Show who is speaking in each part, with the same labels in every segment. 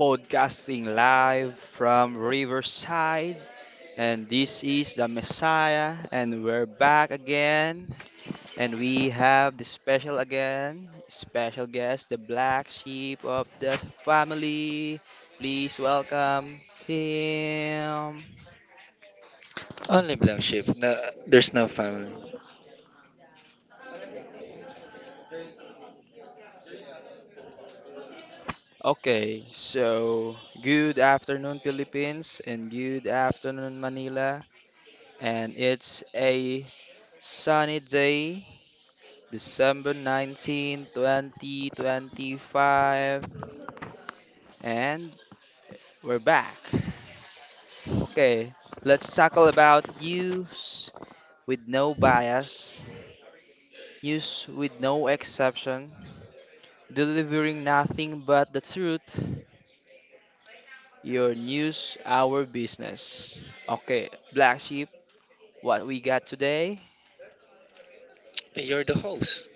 Speaker 1: Podcasting live from Riverside. And this is the Messiah, and we're back again. And we have the special again, special guest, the black sheep of the family. Please welcome him.
Speaker 2: Only black sheep. No, there's no family.
Speaker 1: Okay, so good afternoon, Philippines, and good afternoon, Manila. And it's a sunny day December 19, 2025, and we're back. Okay, let's tackle about news with no bias, news with no exception, delivering nothing but the truth, your news, our business. Okay, Black Sheep, what we got today?
Speaker 2: You're the host.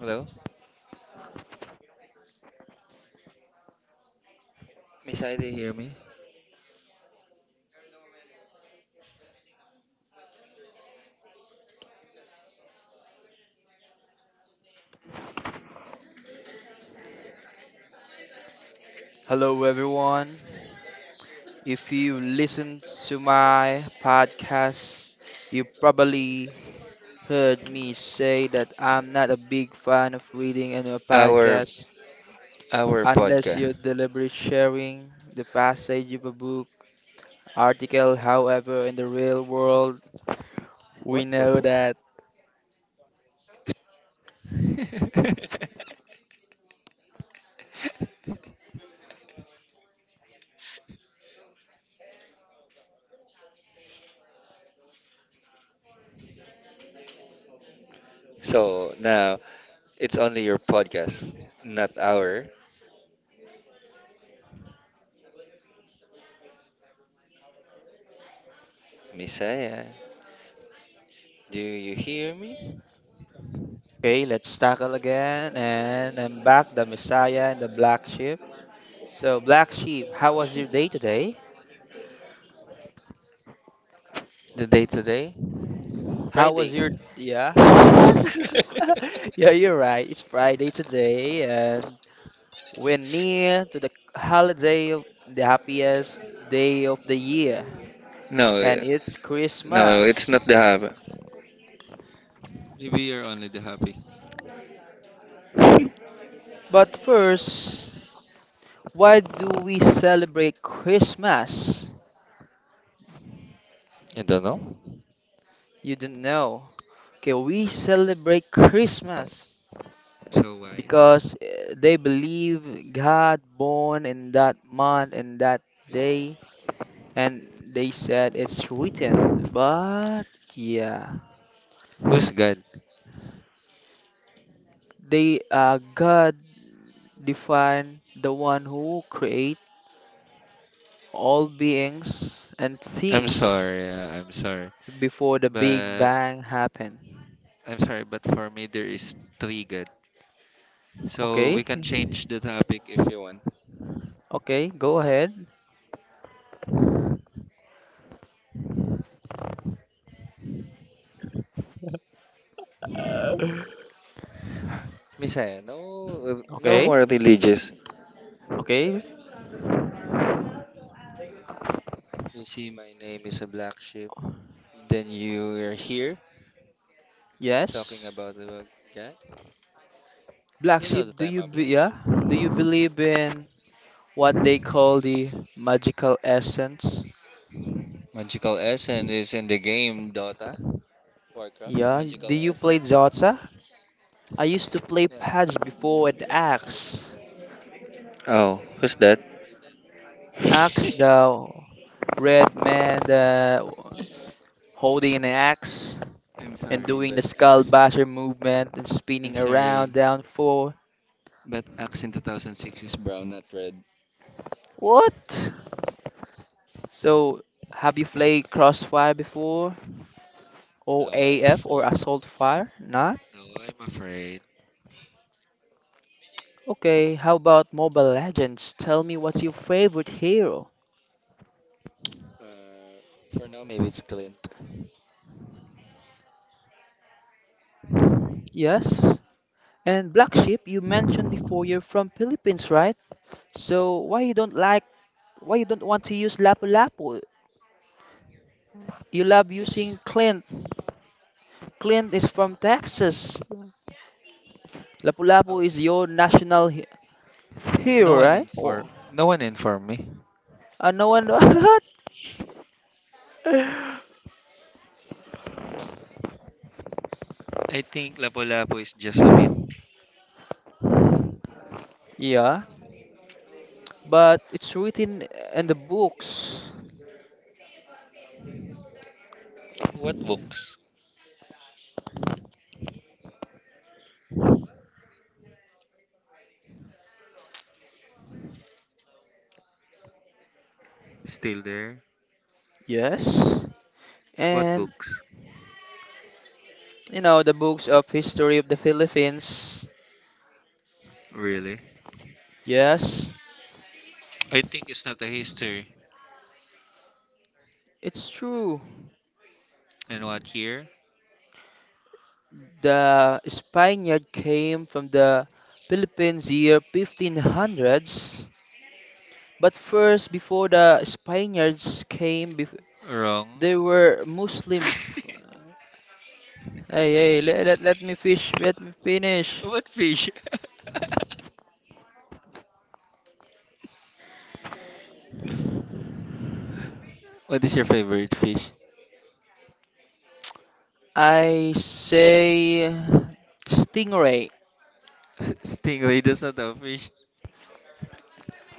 Speaker 2: Hello? Miss Ida, hear me?
Speaker 1: Hello, everyone. If you listen to my podcast, you probably heard me say that I'm not a big fan of reading in a
Speaker 2: Our
Speaker 1: podcast
Speaker 2: our
Speaker 1: unless
Speaker 2: podcast.
Speaker 1: you're deliberately sharing the passage of a book article. However, in the real world, we
Speaker 2: What,
Speaker 1: know
Speaker 2: Babu?
Speaker 1: that.
Speaker 2: So now it's only your podcast, not our Messiah. Do you hear me?
Speaker 1: Okay, let's tackle again. And I'm back, the Messiah and the Black Sheep. So, Black Sheep, how was your day today?
Speaker 2: The day today?
Speaker 1: How was
Speaker 2: Friday.
Speaker 1: your. Yeah, what? Yeah, you're right. It's Friday today, and we're near to the holiday of the happiest day of the year,
Speaker 2: No,
Speaker 1: and it's
Speaker 2: no, it's
Speaker 1: Christmas.
Speaker 2: not the hub. Maybe you're only the happy.
Speaker 1: But first, why do we celebrate Christmas?
Speaker 2: I don't know.
Speaker 1: You don't know. Okay, we celebrate Christmas
Speaker 2: So why?
Speaker 1: because they believe God born in that month and that day, and they said it's written. But yeah,
Speaker 2: Who's God?
Speaker 1: they God define the one who created all beings and
Speaker 2: I'm
Speaker 1: things
Speaker 2: sorry. Yeah, I'm sorry.
Speaker 1: before the Big
Speaker 2: But
Speaker 1: Bang happened.
Speaker 2: I'm sorry, but for me there is three good. So we
Speaker 1: Okay?
Speaker 2: can change the topic if you want.
Speaker 1: Okay, go ahead.
Speaker 2: Messiah, no, no
Speaker 1: Okay?
Speaker 2: more religious.
Speaker 1: Okay?
Speaker 2: You see, my name is a black sheep. Then you are here talking
Speaker 1: Yes.
Speaker 2: about God.
Speaker 1: Black
Speaker 2: You know
Speaker 1: sheep,
Speaker 2: that
Speaker 1: do
Speaker 2: I'm
Speaker 1: you
Speaker 2: a
Speaker 1: be
Speaker 2: black
Speaker 1: yeah?
Speaker 2: sheep.
Speaker 1: Do you believe in what they call the magical essence?
Speaker 2: Magical Essence is in the game Dota, Warcraft.
Speaker 1: Yeah.
Speaker 2: Magical
Speaker 1: Do you
Speaker 2: Essence.
Speaker 1: play Zotsa? I used to play
Speaker 2: Yeah.
Speaker 1: Patch before and Axe.
Speaker 2: Oh, who's that?
Speaker 1: Axe, the red man, the holding an axe,
Speaker 2: I'm
Speaker 1: and
Speaker 2: sorry,
Speaker 1: doing the
Speaker 2: but uh,
Speaker 1: skull basher movement and
Speaker 2: I'm
Speaker 1: spinning around
Speaker 2: sorry.
Speaker 1: down four.
Speaker 2: But Axe in 2006 is brown, not red.
Speaker 1: What? So, have you played Crossfire before? Or
Speaker 2: No, I'm
Speaker 1: AF or
Speaker 2: afraid.
Speaker 1: Assault Fire? Not?
Speaker 2: No, I'm afraid.
Speaker 1: Okay, how about Mobile Legends? Tell me, what's your favorite hero?
Speaker 2: Uh, for now, maybe it's Clint.
Speaker 1: Yes? And Black Sheep, you mentioned before you're from Philippines, right? So why you don't want to use Lapu Lapu? You love
Speaker 2: Because
Speaker 1: using Clint. Clint is from Texas. Lapu Lapu is your national here,
Speaker 2: no one
Speaker 1: right?
Speaker 2: inform,
Speaker 1: Oh,
Speaker 2: no one informed me.
Speaker 1: I know, and
Speaker 2: I think Lapu-Lapu is just a myth.
Speaker 1: yeah, but it's written in the books.
Speaker 2: What books? Still there?
Speaker 1: Yes.
Speaker 2: What
Speaker 1: And
Speaker 2: books?
Speaker 1: you know, the books of history of the Philippines.
Speaker 2: Really?
Speaker 1: Yes.
Speaker 2: I think it's not a history.
Speaker 1: It's true.
Speaker 2: And what year?
Speaker 1: The Spaniard came from the Philippines year 1500s. But first, before the Spaniards came,
Speaker 2: Wrong.
Speaker 1: they were Muslim. Hey, hey, let me finish.
Speaker 2: What fish? What is your favorite fish?
Speaker 1: I say stingray.
Speaker 2: Stingray does not have fish.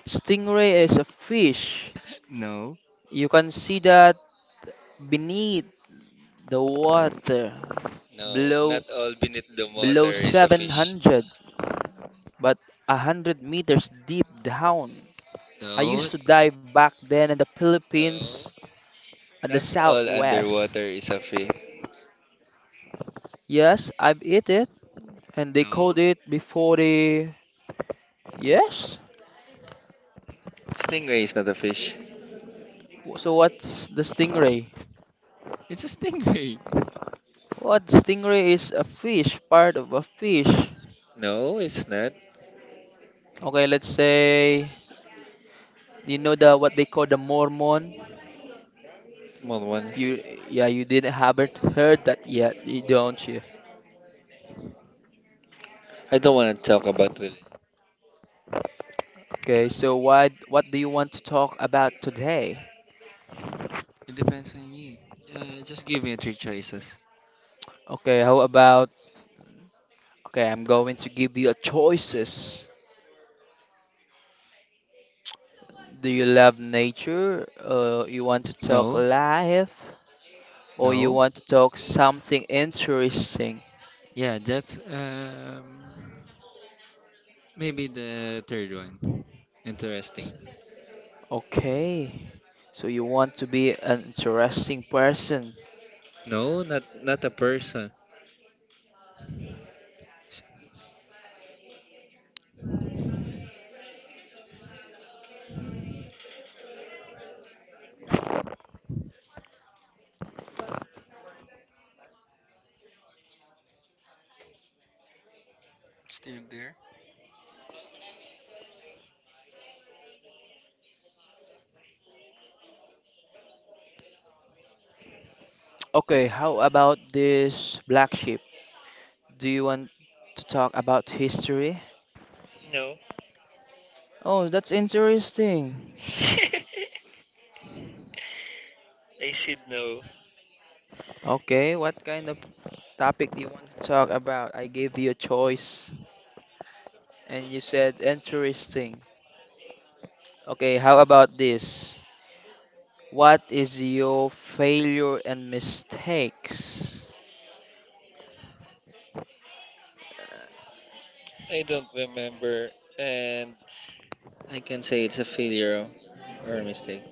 Speaker 1: Stingray is a fish.
Speaker 2: No.
Speaker 1: You can see that beneath the water,
Speaker 2: No,
Speaker 1: below
Speaker 2: not all beneath the
Speaker 1: below
Speaker 2: water is a fish.
Speaker 1: 700, but 100 meters deep down. I
Speaker 2: No,
Speaker 1: used to dive back then in the
Speaker 2: no.
Speaker 1: Philippines and
Speaker 2: Not
Speaker 1: the
Speaker 2: all
Speaker 1: Southwest.
Speaker 2: underwater is a fish.
Speaker 1: Yes, I've eat it, and they caught
Speaker 2: No,
Speaker 1: it before they. Yes.
Speaker 2: stingray is not a fish.
Speaker 1: So what's the stingray?
Speaker 2: It's a stingray.
Speaker 1: What, stingray is a fish, part of a fish?
Speaker 2: No, it's not.
Speaker 1: Okay, let's say you know the what they call the Mormon.
Speaker 2: Come on, one.
Speaker 1: You yeah, you didn't haven't heard that yet, don't you?
Speaker 2: I don't want to talk about religion.
Speaker 1: Okay, so why what do you want to talk about today?
Speaker 2: It depends on you. Just give me three choices.
Speaker 1: Okay, how about okay, I'm going to give you a choices. Do you love nature? You want to talk
Speaker 2: No,
Speaker 1: life, or you
Speaker 2: no.
Speaker 1: want to talk something interesting?
Speaker 2: Yeah, that's maybe the third one. Interesting.
Speaker 1: Okay. So you want to be an interesting person.
Speaker 2: No, not a person. S- Still there?
Speaker 1: Okay, how about this black sheep? Do you want to talk about history?
Speaker 2: No.
Speaker 1: Oh, that's interesting.
Speaker 2: I said no.
Speaker 1: Okay, what kind of topic do you want to talk about? I gave you a choice and you said interesting. Okay, how about this? What is your failure and mistakes?
Speaker 2: I don't remember. And I can say it's a failure or a mistake.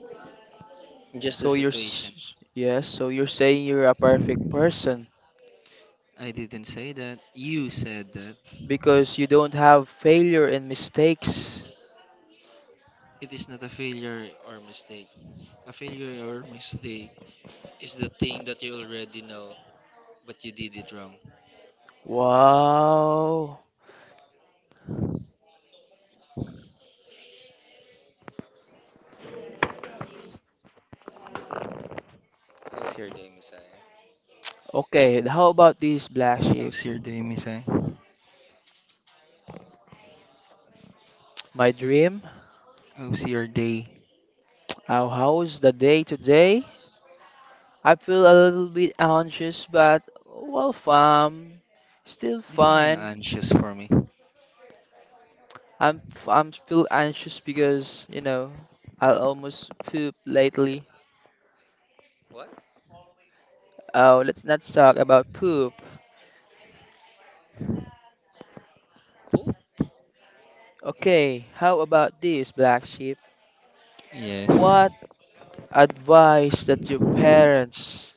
Speaker 2: Just the
Speaker 1: So
Speaker 2: situation.
Speaker 1: yes, so you're saying you're a perfect person,
Speaker 2: I didn't say that. You said that.
Speaker 1: because you don't have failure and mistakes.
Speaker 2: It is not a failure or mistake. A failure or mistake is the thing that you already know, but you did it wrong.
Speaker 1: Wow.
Speaker 2: How's your day, Messiah?
Speaker 1: Okay, how about this black sheep?
Speaker 2: How's your day, Messiah?
Speaker 1: My dream,
Speaker 2: How's your day?
Speaker 1: how's the day today? I feel a little bit anxious, but well, fam, still
Speaker 2: Define
Speaker 1: fine.
Speaker 2: anxious for me.
Speaker 1: I'm still anxious because you know I almost poop lately.
Speaker 2: What?
Speaker 1: Oh, let's not talk about poop.
Speaker 2: Poop?
Speaker 1: Okay, how about this black sheep?
Speaker 2: Yes.
Speaker 1: What advice that your parents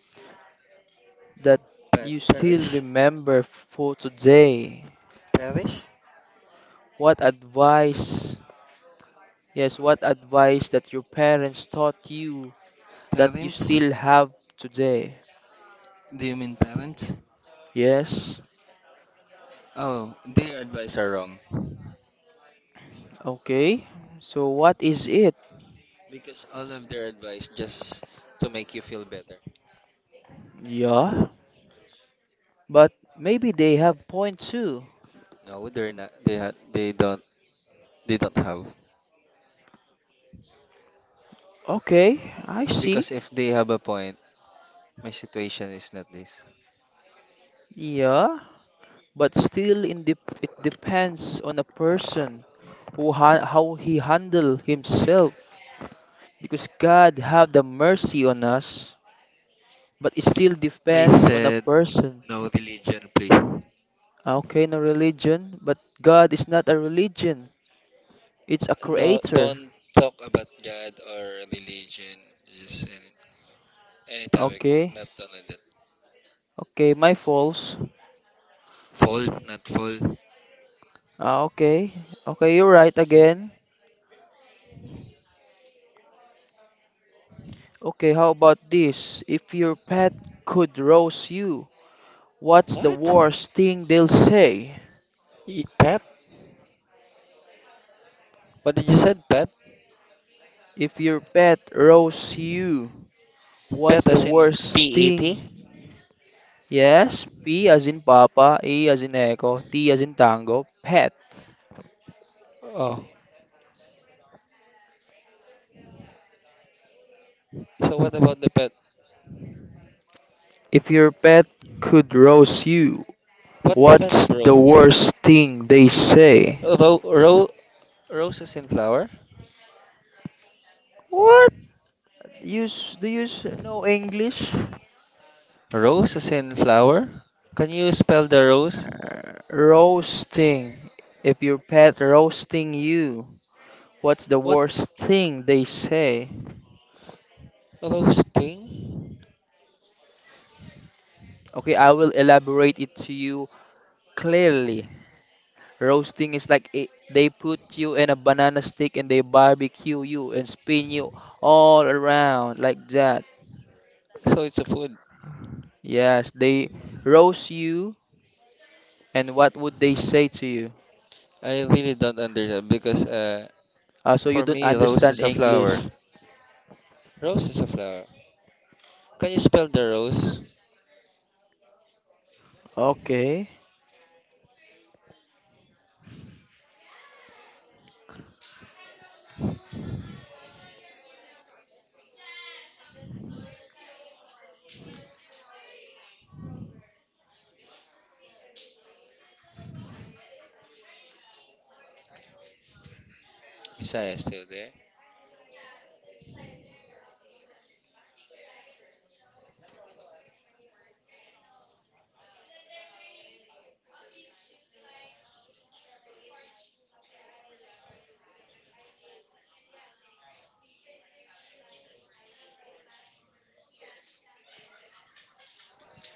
Speaker 1: that
Speaker 2: Pa-
Speaker 1: you still
Speaker 2: parish?
Speaker 1: remember for today?
Speaker 2: Parish?
Speaker 1: What advice, yes, what advice that your parents taught you that you
Speaker 2: Parents?
Speaker 1: still have today?
Speaker 2: Do you mean parents?
Speaker 1: Yes,
Speaker 2: Oh, their advice are wrong.
Speaker 1: okay. So what is it?
Speaker 2: Because all of their advice just to make you feel better.
Speaker 1: Yeah, but maybe they have point too.
Speaker 2: No, they're not. They don't have.
Speaker 1: Okay, I see.
Speaker 2: Because if they have a point, my situation is not this.
Speaker 1: Yeah, but still in the it depends on a person who how he handle himself because God have the mercy on us but it still
Speaker 2: I
Speaker 1: depends on a
Speaker 2: said
Speaker 1: person.
Speaker 2: no religion, please.
Speaker 1: Ah, okay, no religion, but God is not a religion. It's a
Speaker 2: No,
Speaker 1: creator.
Speaker 2: don't talk about God or religion. Just any, any topic,
Speaker 1: Okay,
Speaker 2: not only that.
Speaker 1: okay, my faults.
Speaker 2: Fault, not full.
Speaker 1: Ah, okay, okay, you're right again. Okay, how about this? If your pet could roast you, what's the
Speaker 2: What?
Speaker 1: worst thing they'll say?
Speaker 2: Pet? What did you said? Pet?
Speaker 1: If your pet roasts you, what's
Speaker 2: Pet
Speaker 1: the
Speaker 2: as in
Speaker 1: worst
Speaker 2: P E
Speaker 1: thing?
Speaker 2: T?
Speaker 1: Yes, P as in Papa, E as in Echo, T as in Tango, pet.
Speaker 2: Oh. So what about the pet?
Speaker 1: If your pet could roast you,
Speaker 2: What kind
Speaker 1: what's
Speaker 2: of
Speaker 1: the
Speaker 2: row?
Speaker 1: worst thing they say?
Speaker 2: Uh, row, row, Roses in flower?
Speaker 1: What? Use know English?
Speaker 2: Roses in flower? Can you spell the rose?
Speaker 1: Roasting. If your pet roasting you, what's the
Speaker 2: What
Speaker 1: worst thing they say?
Speaker 2: rose thing?
Speaker 1: Okay, I will elaborate it to you clearly. Roasting is like it, they put you in a banana stick and they barbecue you and spin you all around like that.
Speaker 2: So it's a food.
Speaker 1: Yes, they roast you. And what would they say to you?
Speaker 2: I really don't understand because
Speaker 1: So you
Speaker 2: for
Speaker 1: don't
Speaker 2: me, rose
Speaker 1: understand
Speaker 2: is a flower.
Speaker 1: English.
Speaker 2: Rose is a flower. Can you spell the rose?
Speaker 1: Okay,
Speaker 2: Isaiah is still there.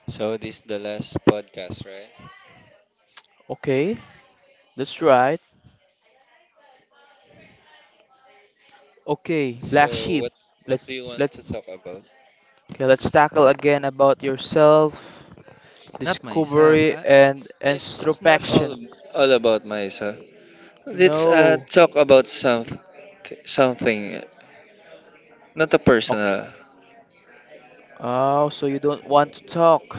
Speaker 2: So this is the last podcast, right?
Speaker 1: okay, that's right. Okay, black
Speaker 2: So
Speaker 1: sheep.
Speaker 2: what do
Speaker 1: Let's
Speaker 2: you want
Speaker 1: let
Speaker 2: to talk about?
Speaker 1: okay, let's tackle again about yourself,
Speaker 2: Not myself.
Speaker 1: discovery and
Speaker 2: It's not all
Speaker 1: introspection.
Speaker 2: all about myself. Let's
Speaker 1: No.
Speaker 2: talk about something, not a
Speaker 1: Okay.
Speaker 2: personal.
Speaker 1: Oh, so you don't want to talk.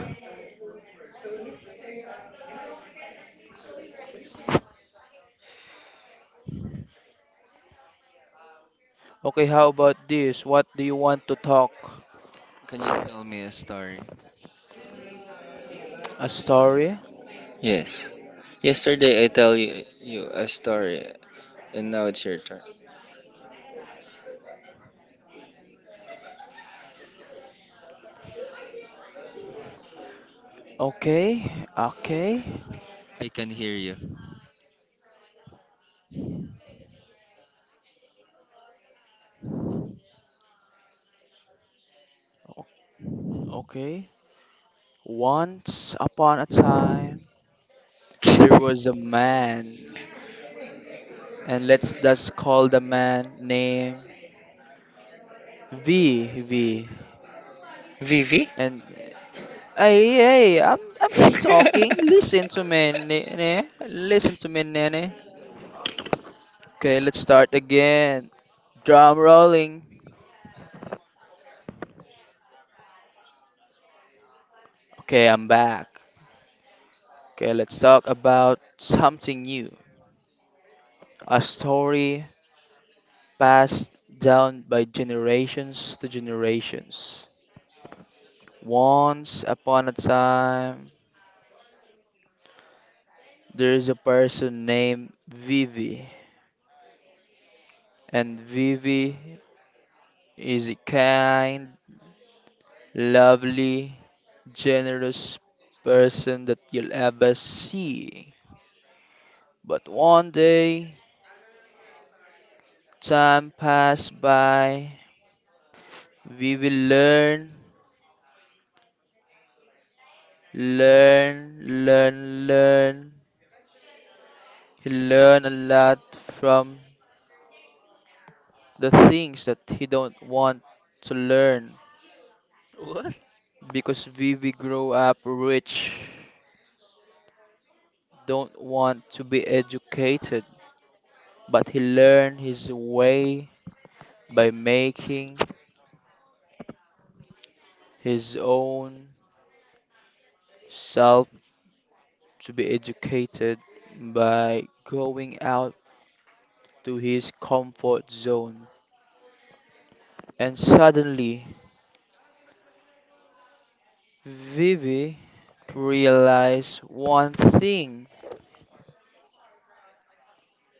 Speaker 1: Okay, how about this? What do you want to talk?
Speaker 2: Can you tell me a story?
Speaker 1: A story?
Speaker 2: Yes. Yesterday I tell you a story and now it's your turn.
Speaker 1: Okay, okay,
Speaker 2: I can hear you.
Speaker 1: o- okay. Once upon a time. There was a man, and let's just call the man name V. V.
Speaker 2: Vivi?
Speaker 1: And hey, hey, I'm talking. Listen to me, Nene. Listen to me, Nene. Okay, let's start again. Drum rolling. Okay, I'm back. Okay, let's talk about something new. A story passed down by generations to generations. Once upon a time, there is a person named Vivi, and Vivi is a kind, lovely, generous person that you'll ever see. But one day, time passed by. Vivi learn, learn. He learned a lot from the things that he don't want to learn
Speaker 2: What?
Speaker 1: because Vivi grow up rich. Don't want to be educated, but he learned his way by making his own self to be educated by going out to his comfort zone. And suddenly, Vivi realized one thing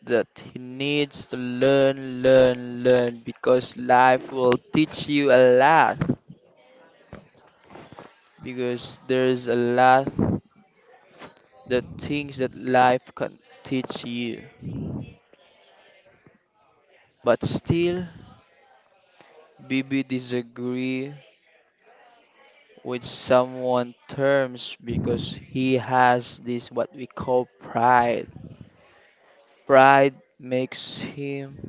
Speaker 1: that he needs to learn, learn because life will teach you a lot because there's a lot the things that life can teach you. But still, Bibi disagree with someone terms because he has this what we call pride. Pride makes him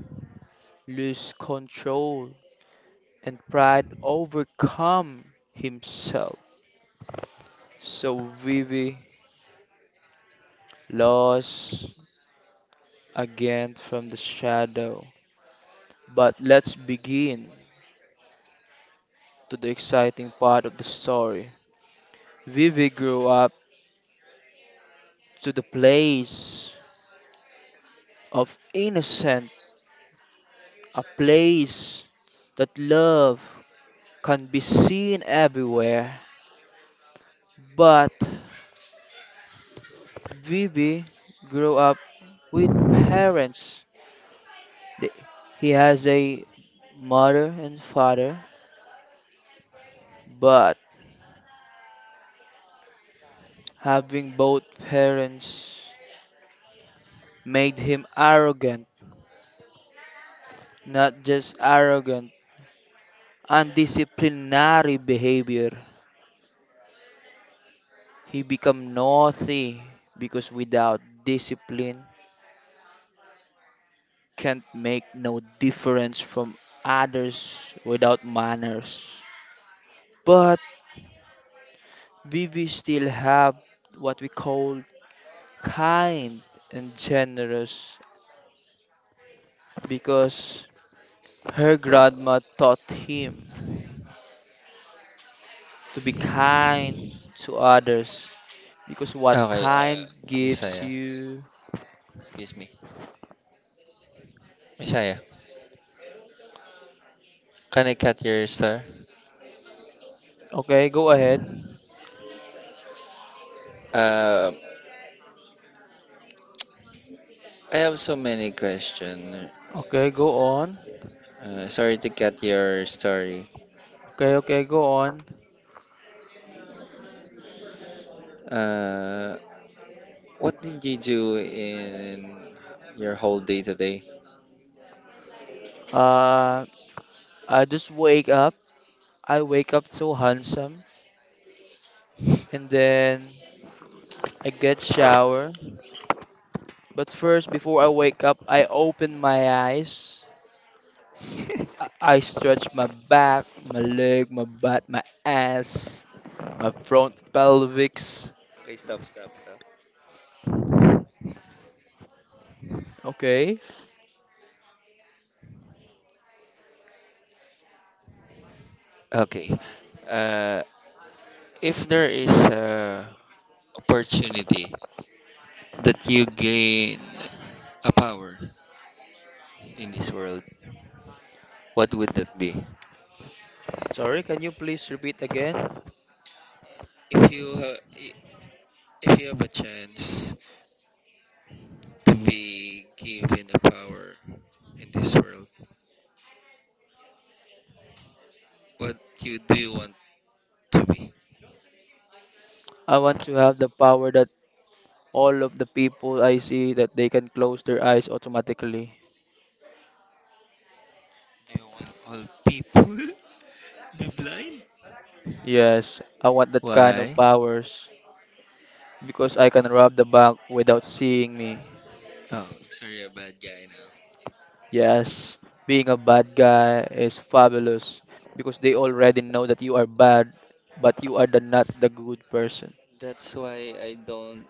Speaker 1: lose control and pride overcome himself. So Vivi lost again from the shadow. But let's begin to the exciting part of the story. Vivi grew up to the place of innocent, a place that love can be seen everywhere. But Vivi grew up with parents. They- He has a mother and father, but having both parents made him arrogant, not just arrogant, undisciplinary behavior. He become naughty because without discipline can't make no difference from others without manners. But Vivi still have what we call kind and generous because her grandma taught him to be kind to others because what
Speaker 2: Okay,
Speaker 1: kind gives
Speaker 2: Messiah.
Speaker 1: you.
Speaker 2: Excuse me. Messiah, can I cut your star?
Speaker 1: Okay, go ahead.
Speaker 2: Uh I have so many questions.
Speaker 1: Okay, go on.
Speaker 2: Sorry to cut your story.
Speaker 1: Okay, okay, go on.
Speaker 2: Uh what did you do in your whole day today?
Speaker 1: Uh, I just wake up. I wake up so handsome, and then I get shower. But first, before I wake up, I open my eyes. I stretch my back, my leg, my butt, my ass, my front pelvics.
Speaker 2: Okay, stop, stop, stop.
Speaker 1: Okay.
Speaker 2: Okay. Uh, if there is a opportunity that you gain a power in this world, what would that be?
Speaker 1: Sorry, can you please repeat again?
Speaker 2: If you ha- i- if you have a chance to be given a power in this world, what you do you want to be?
Speaker 1: I want to have the power that all of the people I see that they can close their eyes automatically.
Speaker 2: Do you want all people be blind?
Speaker 1: Yes, I want that kind of
Speaker 2: Why?
Speaker 1: powers. Because I can rob the bank without seeing me.
Speaker 2: Oh, sorry, a bad guy now.
Speaker 1: Yes, being a bad guy is fabulous because they already know that you are bad, but you are the not the good person.
Speaker 2: That's why I don't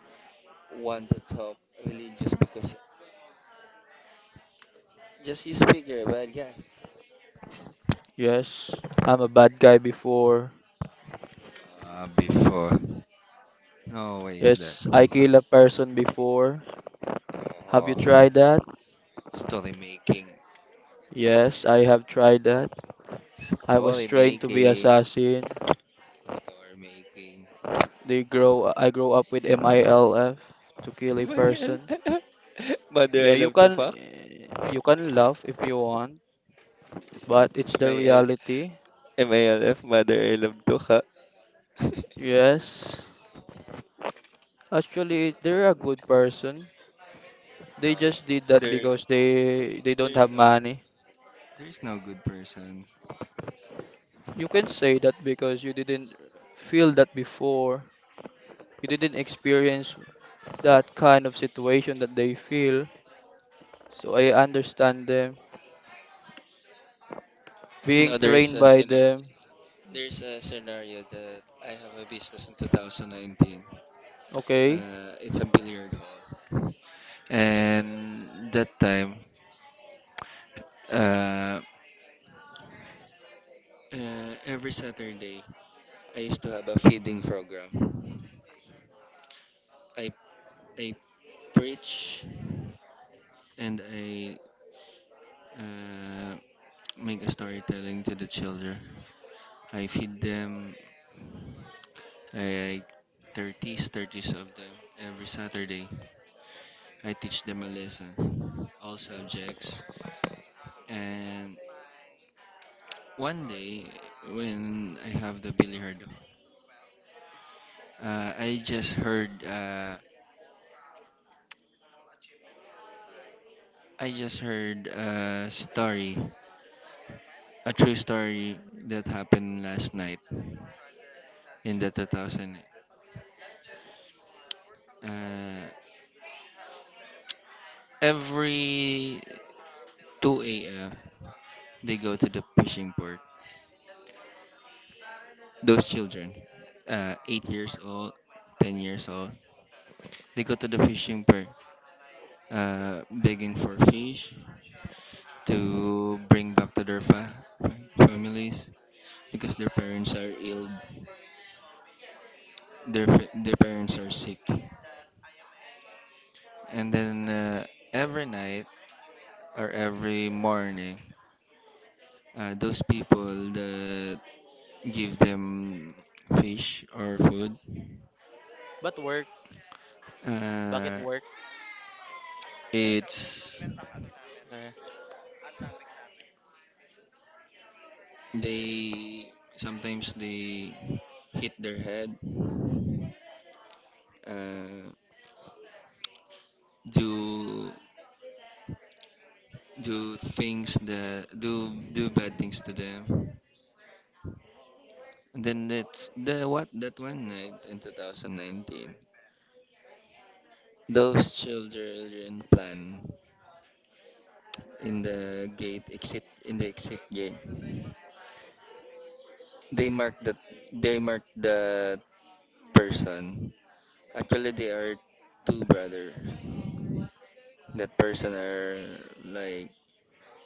Speaker 2: want to talk religious because just you speak, you're a bad guy.
Speaker 1: Yes, I'm a bad guy before.
Speaker 2: Before. Always that.
Speaker 1: Yes, I kill a person before. Have you
Speaker 2: Oh,
Speaker 1: tried that?
Speaker 2: story making.
Speaker 1: Yes, I have tried that. I was
Speaker 2: Story
Speaker 1: trained to be
Speaker 2: making.
Speaker 1: assassin.
Speaker 2: Story making.
Speaker 1: They grow I grow up with MILF to kill a
Speaker 2: MIL.
Speaker 1: person.
Speaker 2: Mother,
Speaker 1: Yeah,
Speaker 2: I love to fuck.
Speaker 1: you can laugh if you want, but it's the
Speaker 2: MIL.
Speaker 1: reality.
Speaker 2: MILF, mother, I love to fuck. No,
Speaker 1: Yes. Actually, they're a good person. They just did that
Speaker 2: there,
Speaker 1: because they don't have
Speaker 2: there's, no,
Speaker 1: money.
Speaker 2: there's no good person.
Speaker 1: You can say that because you didn't feel that before. You didn't experience that kind of situation that they feel. So I understand them.
Speaker 2: You
Speaker 1: Being
Speaker 2: know, there's
Speaker 1: trained
Speaker 2: a
Speaker 1: by
Speaker 2: scenario.
Speaker 1: them,
Speaker 2: There's a scenario that I have a business in 2019.
Speaker 1: okay?
Speaker 2: Uh, it's a billiard hall, and that time, uh, every Saturday, I used to have a feeding program. I I preach and I, uh, make a storytelling to the children. I feed them like 30s of them every Saturday. I teach them a lesson, all subjects. And one day, when I have the billiard, uh, I just heard uh, I just heard a story, a true story that happened last night in the 2000. Uh, every 2 a.m., they go to the fishing port. Those children, 8 years old, 10 years old, they go to the fishing port begging for fish to bring back to their families because their parents are ill, their parents are sick. And then every night or every morning, those people that give them fish or food,
Speaker 1: But work, bakit
Speaker 2: uh,
Speaker 1: work?
Speaker 2: it's
Speaker 1: Eh,
Speaker 2: they sometimes they hit their head, uh, do do things that do bad things to them. And then that's the, what, that one night in 2019 those children plan in the exit gate. They mark that they mark that person. Actually, they are two brothers. That person are like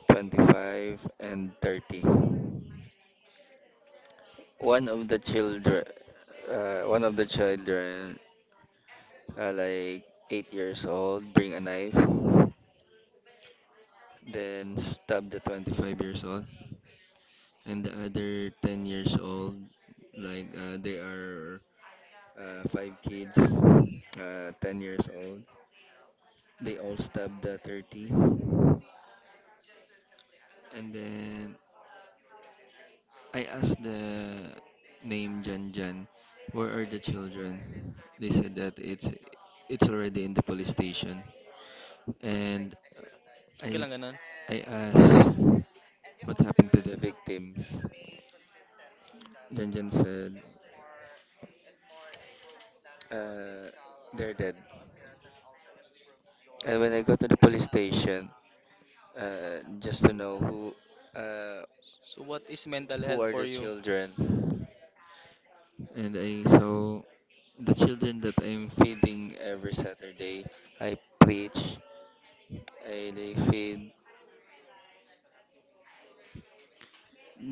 Speaker 2: 25 and 30. One of the children, one of the children, like 8 years old, bring a knife, then stab the 25 years old, and the other 10 years old, like they are, five kids, 10 years old. They all stab the 30. And then I asked the, name, Jan Jan, where are the children? They said that it's already in the police station. And
Speaker 1: okay
Speaker 2: I
Speaker 1: lang ganun.
Speaker 2: I asked what happened to the victims. Jan Jan said, uh, they're dead. And when I go to the police station, just to know uh,
Speaker 1: So what is mental
Speaker 2: who
Speaker 1: health
Speaker 2: are
Speaker 1: for
Speaker 2: the
Speaker 1: you?
Speaker 2: children, and I saw the children that I'm feeding every Saturday. I preach, I lay fade.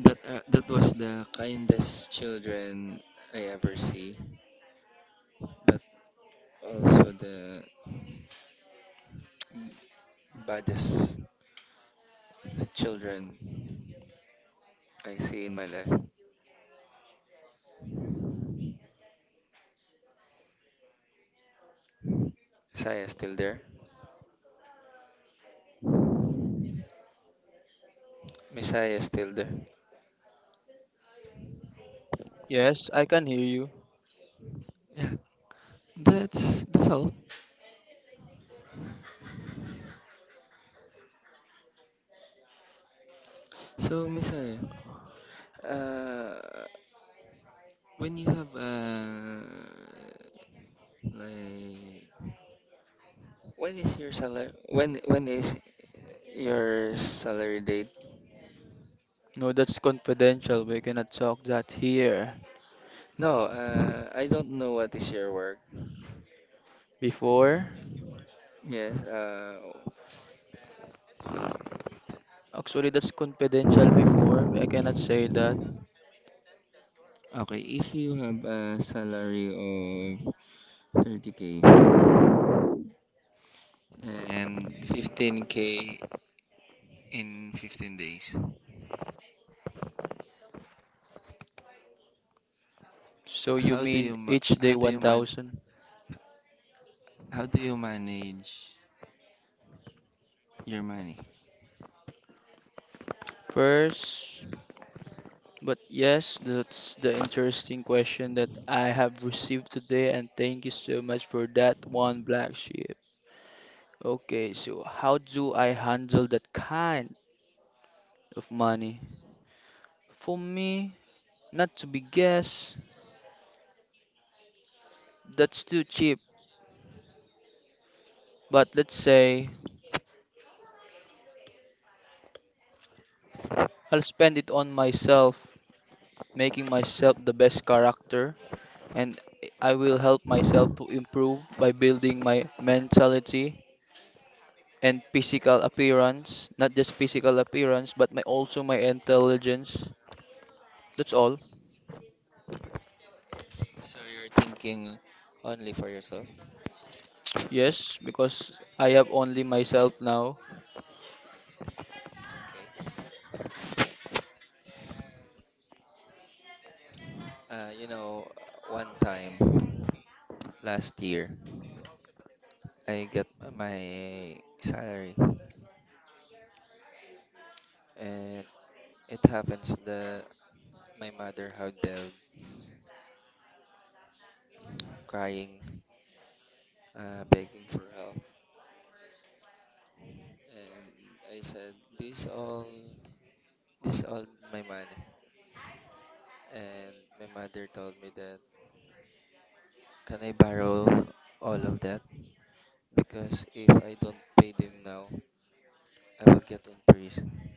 Speaker 2: That, that was the kindest children I ever see, but also the baddest children I see in my life. Messiah is still there. Messiah is still there.
Speaker 1: Yes, I can hear you.
Speaker 2: Yeah, that's all. So Messiah, uh, when you have uh, like when is your salary date?
Speaker 1: No, that's confidential. We cannot talk that here.
Speaker 2: No, I don't know what is your work.
Speaker 1: Before?
Speaker 2: Yes,
Speaker 1: Actually, that's confidential before. I cannot say that.
Speaker 2: okay, if you have a salary of 30K and 15K in 15 days,
Speaker 1: So you
Speaker 2: how do you
Speaker 1: mean
Speaker 2: ma-
Speaker 1: each
Speaker 2: how
Speaker 1: day
Speaker 2: do you man
Speaker 1: 1000
Speaker 2: how do you manage your money?
Speaker 1: first? But yes, that's the interesting question that I have received today, and thank you so much for that one, Black Sheep. Okay, so how do I handle that kind of money? For me, not to be guessed, that's too cheap. But let's say I'll spend it on myself, making myself the best character, and I will help myself to improve by building my mentality and physical appearance, not just physical appearance, but my also my intelligence. That's all.
Speaker 2: So you're thinking only for yourself?
Speaker 1: Yes, because I have only myself now.
Speaker 2: Okay. You know, one time last year, I got my salary, and it happens that my mother had debts, crying, begging for help, and I said, this all my money." And my mother told me that, "Can I borrow all of that? Because if I don't pay them now, I will get in prison."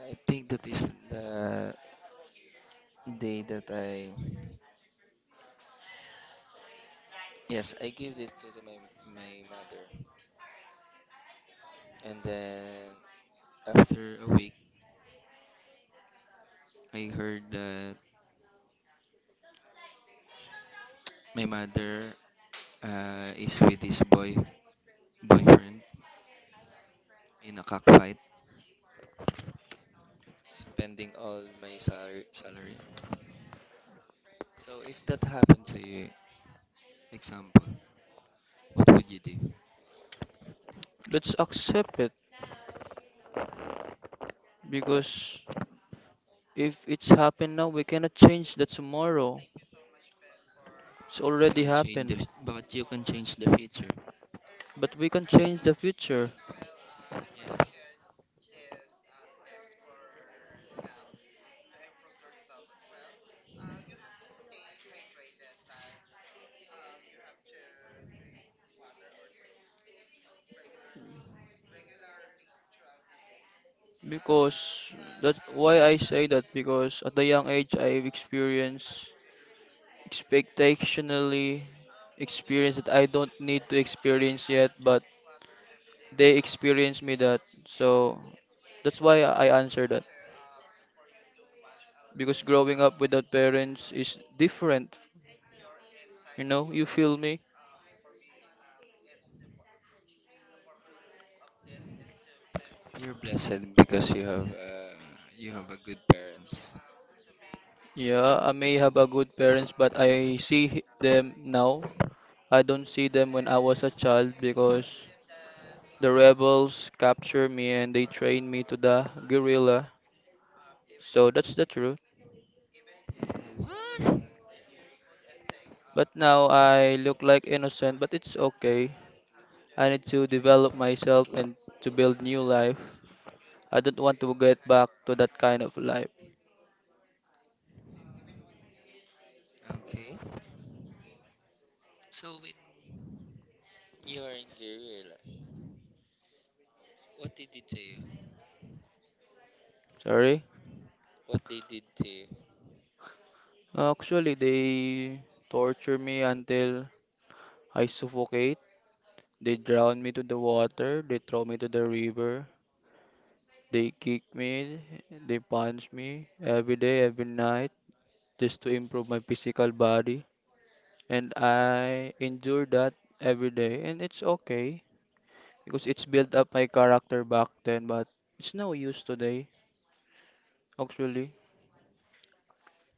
Speaker 2: I think that is the day that I, yes, I gave it to my my mother, and then after a week, I heard that my mother, is with this boyfriend in a cockfight, spending all my salary. So if that happened to you, example, what would you do? You
Speaker 1: Let's accept it because if it's happened now, we cannot change the tomorrow. It's already happened,
Speaker 2: can change the future.
Speaker 1: but we can change the future.
Speaker 2: Yes,
Speaker 1: Because that's why I say that because at the young age I've experienced expectationally experience that I don't need to experience yet, but they experience me that. So that's why I answer that. Because growing up without parents is different, you know, you feel me?
Speaker 2: you're blessed because you have, you have a good parents.
Speaker 1: Yeah, I may have a good parents, but I see them now. I don't see them when I was a child because the rebels captured me and they trained me to the guerrilla. So that's the truth.
Speaker 2: What?
Speaker 1: But now I look like innocent, but it's okay. I need to develop myself and to build new life. I don't want to get back to that kind of life.
Speaker 2: Okay. So when you are in your real life, what they did to you?
Speaker 1: Sorry?
Speaker 2: What they did to you?
Speaker 1: Actually, they torture me until I suffocate. They drown me to the water. They throw me to the river. They kick me. They punch me every day, every night, just to improve my physical body, and I endure that every day, and it's okay because it's built up my character back then, but it's no use today, actually.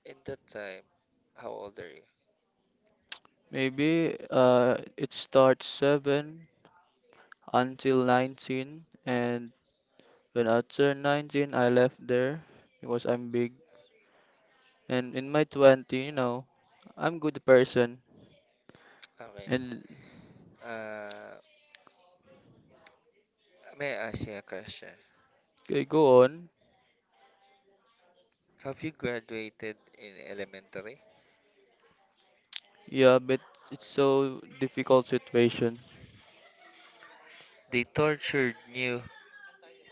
Speaker 2: In that time, how old are you?
Speaker 1: Maybe it starts 7 until 19, and when I turned 19, I left there because I'm big. And in my 20, you know, I'm good person,
Speaker 2: Okay.
Speaker 1: and
Speaker 2: Uh, may I ask you a question?
Speaker 1: I go on.
Speaker 2: Have you graduated in elementary?
Speaker 1: Yeah, but it's so difficult situation.
Speaker 2: They tortured you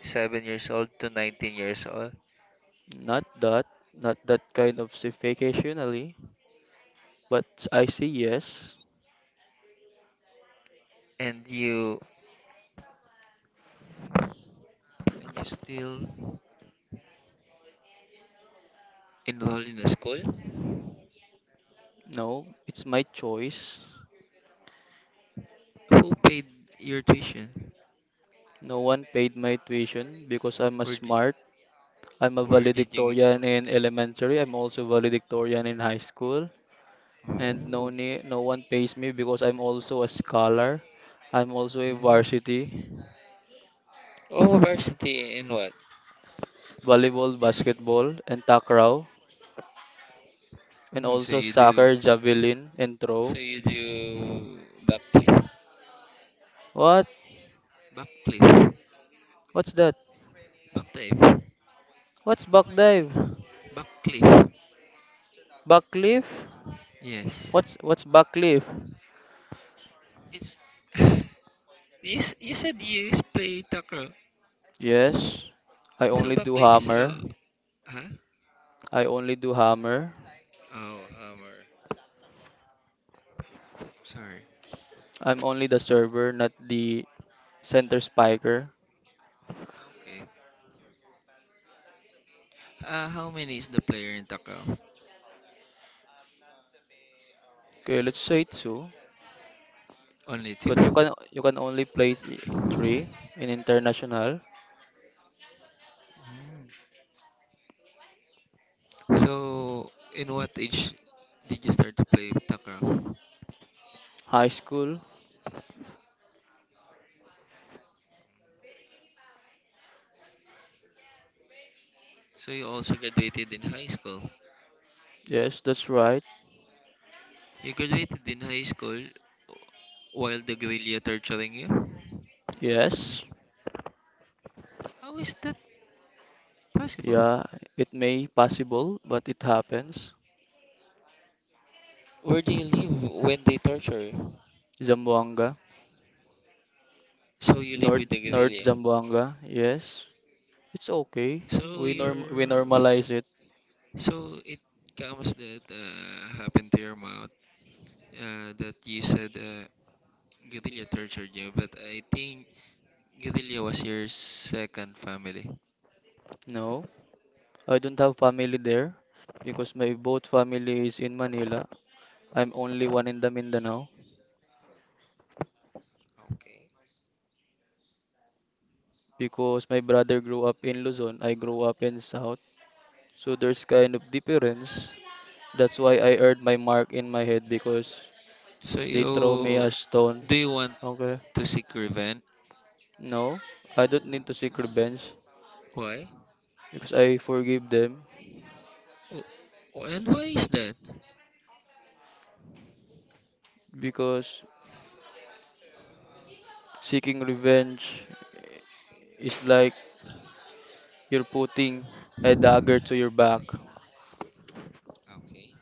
Speaker 2: 7 years old to 19 years old,
Speaker 1: Not that, not that kind of si-, vacationally. But I say yes.
Speaker 2: and you still enrolled in a school.
Speaker 1: No, it's my choice.
Speaker 2: Who paid your tuition?
Speaker 1: No one paid my tuition because I'm a
Speaker 2: Where did
Speaker 1: smart. I'm a
Speaker 2: where did you get?
Speaker 1: valedictorian in elementary. I'm also valedictorian in high school. And no
Speaker 2: Oh,
Speaker 1: ne- no one pays me because I'm also a scholar. I'm also a
Speaker 2: mm.
Speaker 1: varsity
Speaker 2: Oh, varsity and what?
Speaker 1: volleyball, basketball, and takraw, and
Speaker 2: Mm, so
Speaker 1: also
Speaker 2: you do
Speaker 1: soccer, javelin, and
Speaker 2: so
Speaker 1: throw.
Speaker 2: you do backflip,
Speaker 1: What?
Speaker 2: backflip,
Speaker 1: What's that?
Speaker 2: backflip,
Speaker 1: What's back dive?
Speaker 2: backflip.
Speaker 1: Backlift?
Speaker 2: Yes,
Speaker 1: What's backlift?
Speaker 2: it's you. You said you play takraw.
Speaker 1: Yes, I
Speaker 2: So
Speaker 1: only do
Speaker 2: backflip is a,
Speaker 1: hammer.
Speaker 2: huh?
Speaker 1: I only do hammer.
Speaker 2: Oh, hammer. Sorry.
Speaker 1: I'm only the server, not the center spiker.
Speaker 2: Okay. How many is the player in Takraw?
Speaker 1: Okay, let's say two.
Speaker 2: Only
Speaker 1: But you
Speaker 2: two?
Speaker 1: can you can only play three in international
Speaker 2: So, in what age did you start to play Takraw?
Speaker 1: high school.
Speaker 2: So, you also graduated in high school.
Speaker 1: Yes, that's right.
Speaker 2: You graduated in high school while the guerrilla torturing you?
Speaker 1: Yes,
Speaker 2: How is that possible?
Speaker 1: yeah, it may possible, but it happens.
Speaker 2: Where do you live when they torture you?
Speaker 1: Zamboanga,
Speaker 2: So, you live
Speaker 1: North
Speaker 2: with the
Speaker 1: North
Speaker 2: guerrilla.
Speaker 1: Zamboanga. Yes, it's okay.
Speaker 2: So,
Speaker 1: We norm
Speaker 2: you're.
Speaker 1: we normalize it.
Speaker 2: So, it comes that, happened to your mouth, that you said. Guerrilla tortured you, but I think Guerrilla was your second family.
Speaker 1: No. I don't have family there because my both family is in Manila. I'm only one in the Mindanao
Speaker 2: Okay.
Speaker 1: because my brother grew up in Luzon. I grew up in South. So there's kind of difference. That's why I earned my mark in my head because
Speaker 2: So
Speaker 1: they throw me
Speaker 2: you
Speaker 1: a stone.
Speaker 2: do you want
Speaker 1: Okay.
Speaker 2: to seek revenge?
Speaker 1: No, I don't need to seek revenge
Speaker 2: Why?
Speaker 1: because I forgive them
Speaker 2: Oh, oh, and why is that?
Speaker 1: because seeking revenge is like you're putting a dagger to your back.
Speaker 2: Okay.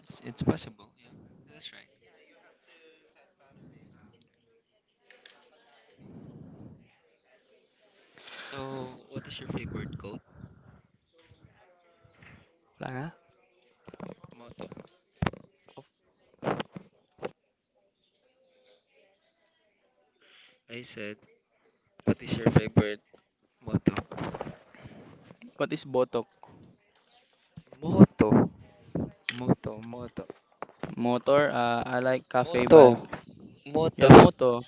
Speaker 2: It's possible, yeah. That's right. So what is your favorite quote?
Speaker 1: Wala na?
Speaker 2: Motto. I said, what is your favorite motto?
Speaker 1: What is botok?
Speaker 2: Motto. Motto, motto.
Speaker 1: Motor, I like cafe bike.
Speaker 2: Motto.
Speaker 1: Yeah,
Speaker 2: Motto.
Speaker 1: moto.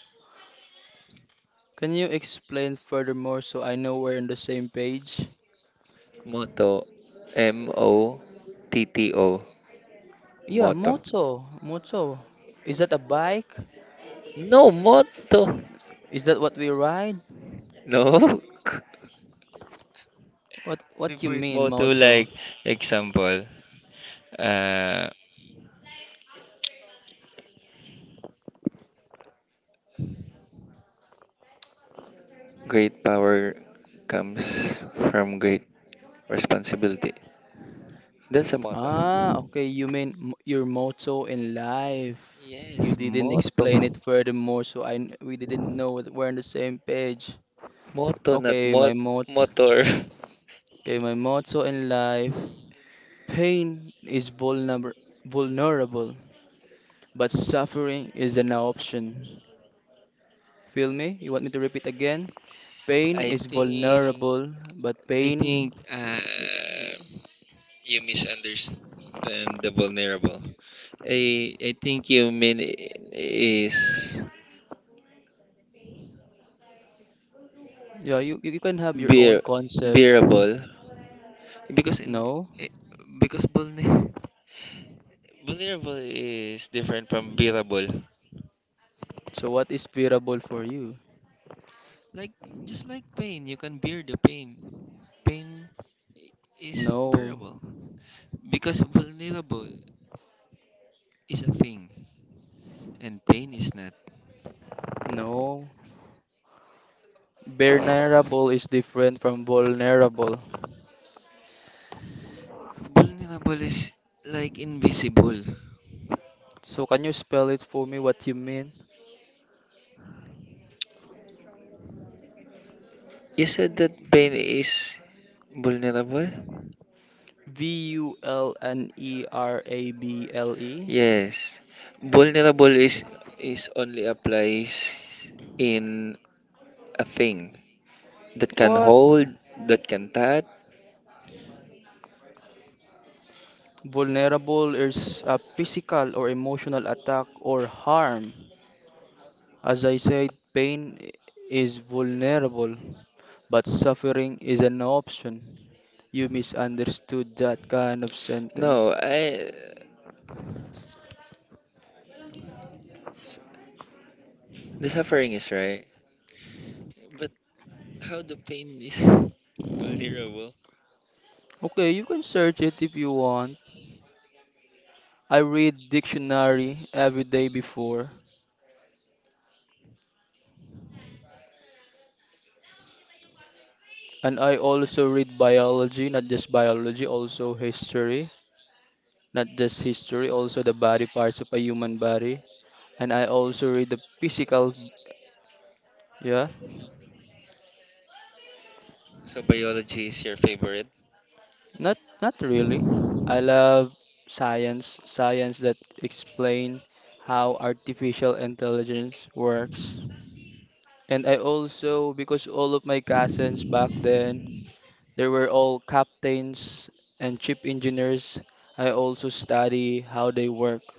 Speaker 1: Can you explain furthermore so I know we're on the same page?
Speaker 2: Motto. M O T T O.
Speaker 1: Yeah,
Speaker 2: Motto.
Speaker 1: moto, moto. Is that a bike?
Speaker 2: No motto.
Speaker 1: Is that what we ride?
Speaker 2: No.
Speaker 1: What what you
Speaker 2: Favorite
Speaker 1: mean,
Speaker 2: motto,
Speaker 1: moto?
Speaker 2: like, example. Uh, Great power comes from great responsibility. That's a
Speaker 1: Ah,
Speaker 2: motto.
Speaker 1: okay, you mean m your motto in life. You
Speaker 2: Yes,
Speaker 1: didn't
Speaker 2: motto.
Speaker 1: explain it furthermore, so we didn't know that we're on the same page.
Speaker 2: Motto, not
Speaker 1: Okay, my
Speaker 2: mot
Speaker 1: mot
Speaker 2: motor.
Speaker 1: okay, my motto in life. Pain is vulnerable. But suffering is an option. Feel me? You want me to repeat again? Pain
Speaker 2: I
Speaker 1: is
Speaker 2: think,
Speaker 1: vulnerable, but
Speaker 2: I think
Speaker 1: pain,
Speaker 2: uh,
Speaker 1: yeah,
Speaker 2: you misunderstand the vulnerable. I think you mean is
Speaker 1: you can have your own
Speaker 2: bear
Speaker 1: concept.
Speaker 2: bearable. Because in,
Speaker 1: No?
Speaker 2: eh, because vulne- vulnerable is different from bearable.
Speaker 1: So what is bearable for you?
Speaker 2: Like just like pain, you can bear the pain. Pain i- is
Speaker 1: No,
Speaker 2: bearable because vulnerable is a thing and pain is not.
Speaker 1: no.
Speaker 2: Yeah.
Speaker 1: Vulnerable is different from vulnerable.
Speaker 2: Vulnerable is like invisible.
Speaker 1: So can you spell it for me what you mean?
Speaker 2: You said that pain is vulnerable?
Speaker 1: vulnerable?
Speaker 2: Yes. Vulnerable is only applies in a thing that can
Speaker 1: What?
Speaker 2: hold, that can touch.
Speaker 1: Vulnerable is a physical or emotional attack or harm. As I said, is vulnerable, but suffering is an option. You misunderstood that kind of sentence.
Speaker 2: No, I. The suffering is right, but how the pain is, vulnerable.
Speaker 1: Okay, you can search it if you want. I read dictionary every day before, and I also read biology, not just biology, also history, not just history, also the body parts of a human body, and I also read the physical, yeah.
Speaker 2: So biology is your favorite.
Speaker 1: Not not really. I love science, science that explain how artificial intelligence works. And I also, because all of my cousins back then, they were all captains and chief engineers, I also study how they work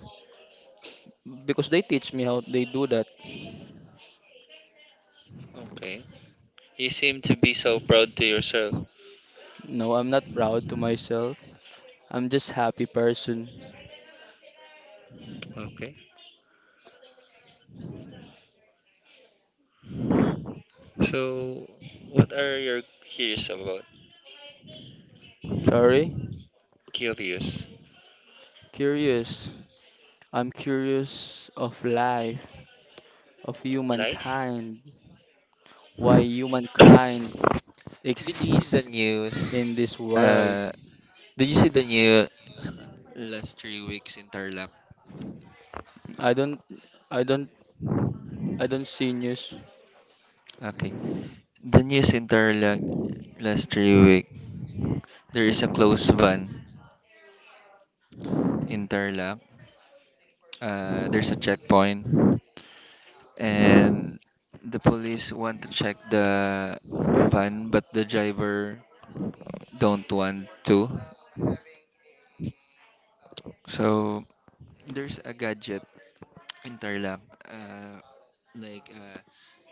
Speaker 1: because they teach me how they do that.
Speaker 2: Okay. You seem to be so proud to yourself.
Speaker 1: No, I'm not proud to myself. I'm just happy person.
Speaker 2: Okay. So, what are you curious about?
Speaker 1: Sorry?
Speaker 2: Curious.
Speaker 1: Curious. I'm curious of life, of
Speaker 2: Life?
Speaker 1: humankind, why humankind
Speaker 2: Did you see the
Speaker 1: exists
Speaker 2: news?
Speaker 1: in this world.
Speaker 2: Uh, did you see the new last 3 weeks in Tarlac?
Speaker 1: I don't, I don't, I don't see news.
Speaker 2: Okay. The news in Tarlac last 3 weeks. There is a closed van in Tarlac. There's a checkpoint, and the police want to check the van, but the driver don't want to. So there's a gadget in Tarlac, uh, like,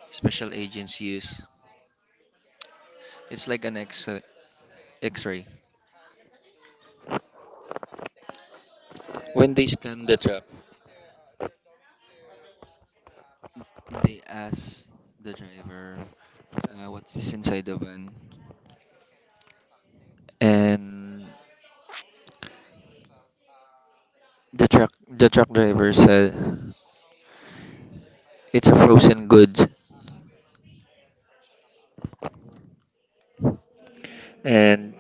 Speaker 2: special agents use. It's like an X X-ray. When they scan the trap, they ask the driver, what is inside the van, and the truck driver said it's a frozen goods, and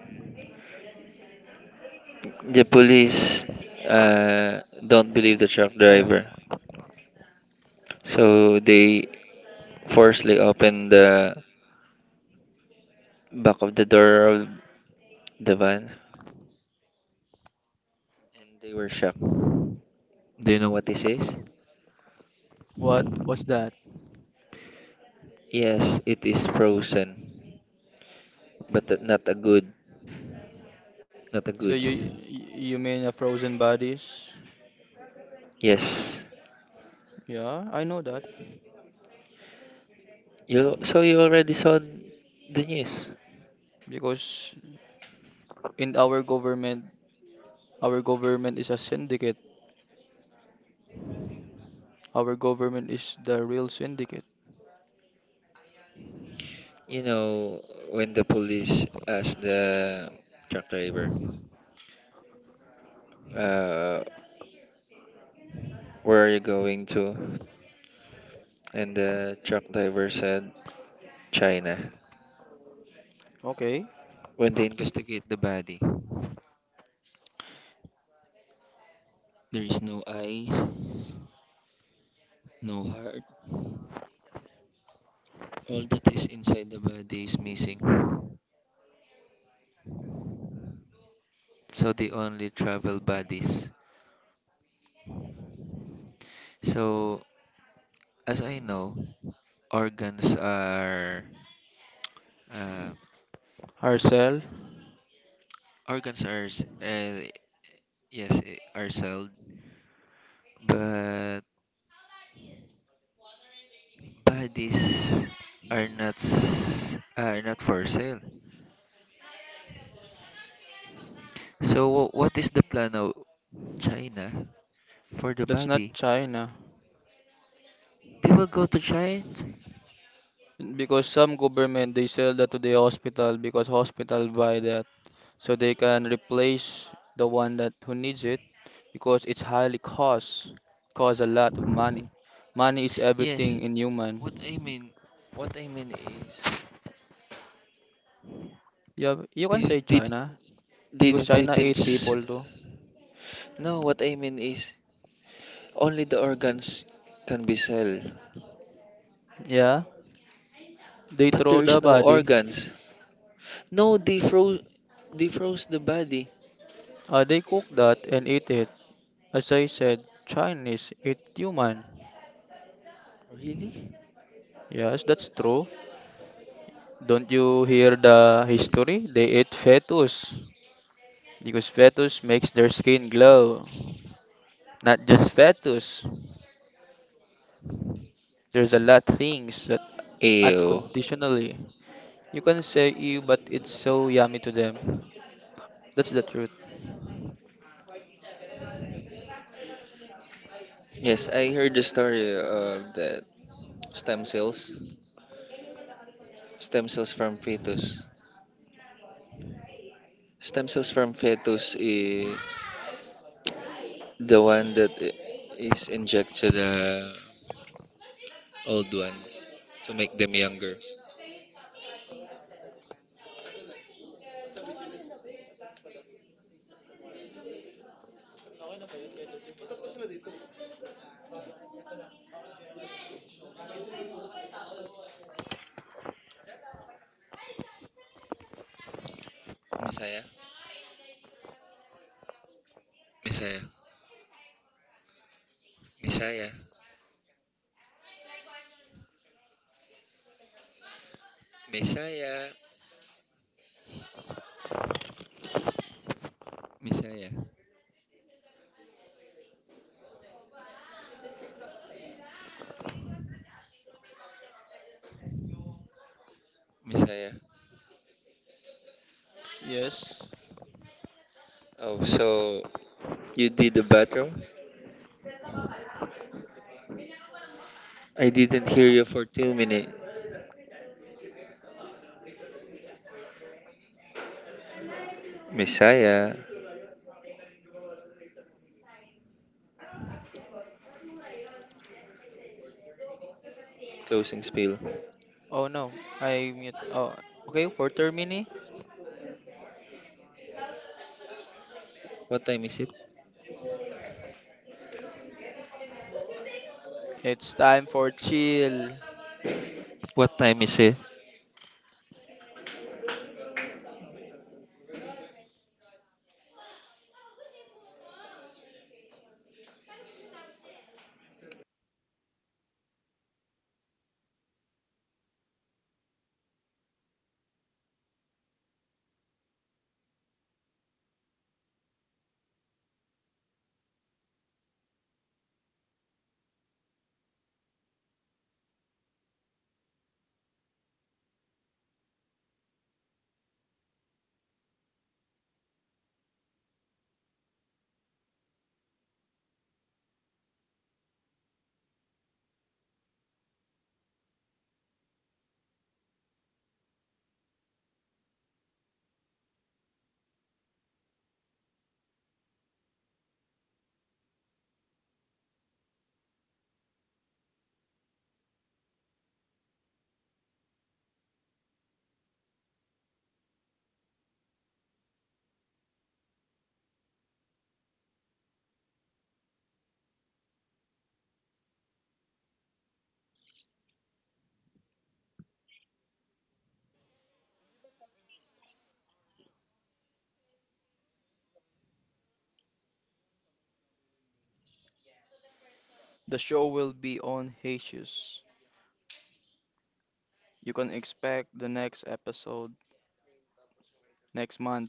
Speaker 2: the police, don't believe the truck
Speaker 1: Okay na?
Speaker 2: driver. So they forcibly opened the back of the door of the van and they were shocked. Do you know what this is?
Speaker 1: What was that?
Speaker 2: Yes, it is frozen, but not a good, not a
Speaker 1: So you
Speaker 2: goods.
Speaker 1: mean a frozen bodies?
Speaker 2: Yes.
Speaker 1: Yeah, I know that
Speaker 2: You so you already saw the news.
Speaker 1: because in our government is a syndicate. Our government is the real syndicate.
Speaker 2: You know, when the police asked the truck driver, uh, where are you going to? And the truck driver said, China.
Speaker 1: Okay,
Speaker 2: When they investigate the body, there is no eyes, no heart. All that is inside the body is missing. So they only travel bodies. So as I know, organs are, uh,
Speaker 1: Arcel,
Speaker 2: organs are s- uh, yes, are sold, but bodies are not for sale. So what is the plan of China for the
Speaker 1: that's not
Speaker 2: body?
Speaker 1: China.
Speaker 2: They will go to China?
Speaker 1: Because some government they sell that to the hospital because hospital buy the, so they can replace the one that who needs it because it's highly costs a lot of money. Money is
Speaker 2: Yes.
Speaker 1: everything in human.
Speaker 2: What I mean, what I mean is
Speaker 1: Yeah, you can
Speaker 2: they
Speaker 1: say
Speaker 2: did
Speaker 1: China because
Speaker 2: they
Speaker 1: China
Speaker 2: didn't.
Speaker 1: eat people too.
Speaker 2: No, what I mean is only the organs can be sold,
Speaker 1: Yeah, they
Speaker 2: but
Speaker 1: throw
Speaker 2: there
Speaker 1: the
Speaker 2: is no
Speaker 1: body.
Speaker 2: organs. No, they froze the body.
Speaker 1: Uh, they cook that and eat it. As I said, Chinese eat human.
Speaker 2: Really?
Speaker 1: Yes, that's true. Don't you hear the history? They eat fetus because fetus makes their skin glow. Not just fetus, there's a lot things that
Speaker 2: Ew.
Speaker 1: unconditionally. You can say ew, but it's so yummy to them. That's the truth.
Speaker 2: Yes, I heard the story of that stem cells, stem cells from fetus. Stem cells from fetus is the one that is inject to the old ones to make them younger. Messiah, Messiah, Messiah, Messiah, Messiah, Messiah.
Speaker 1: Yes.
Speaker 2: Oh, so you did the bathroom? I didn't hear you for 2 minutes. Messiah, closing spiel.
Speaker 1: Oh no, I mute. Oh, okay, for Termini.
Speaker 2: What time is it?
Speaker 1: It's time for chill.
Speaker 2: What time is it?
Speaker 1: The show will be on hiatus. You can expect the next episode next month.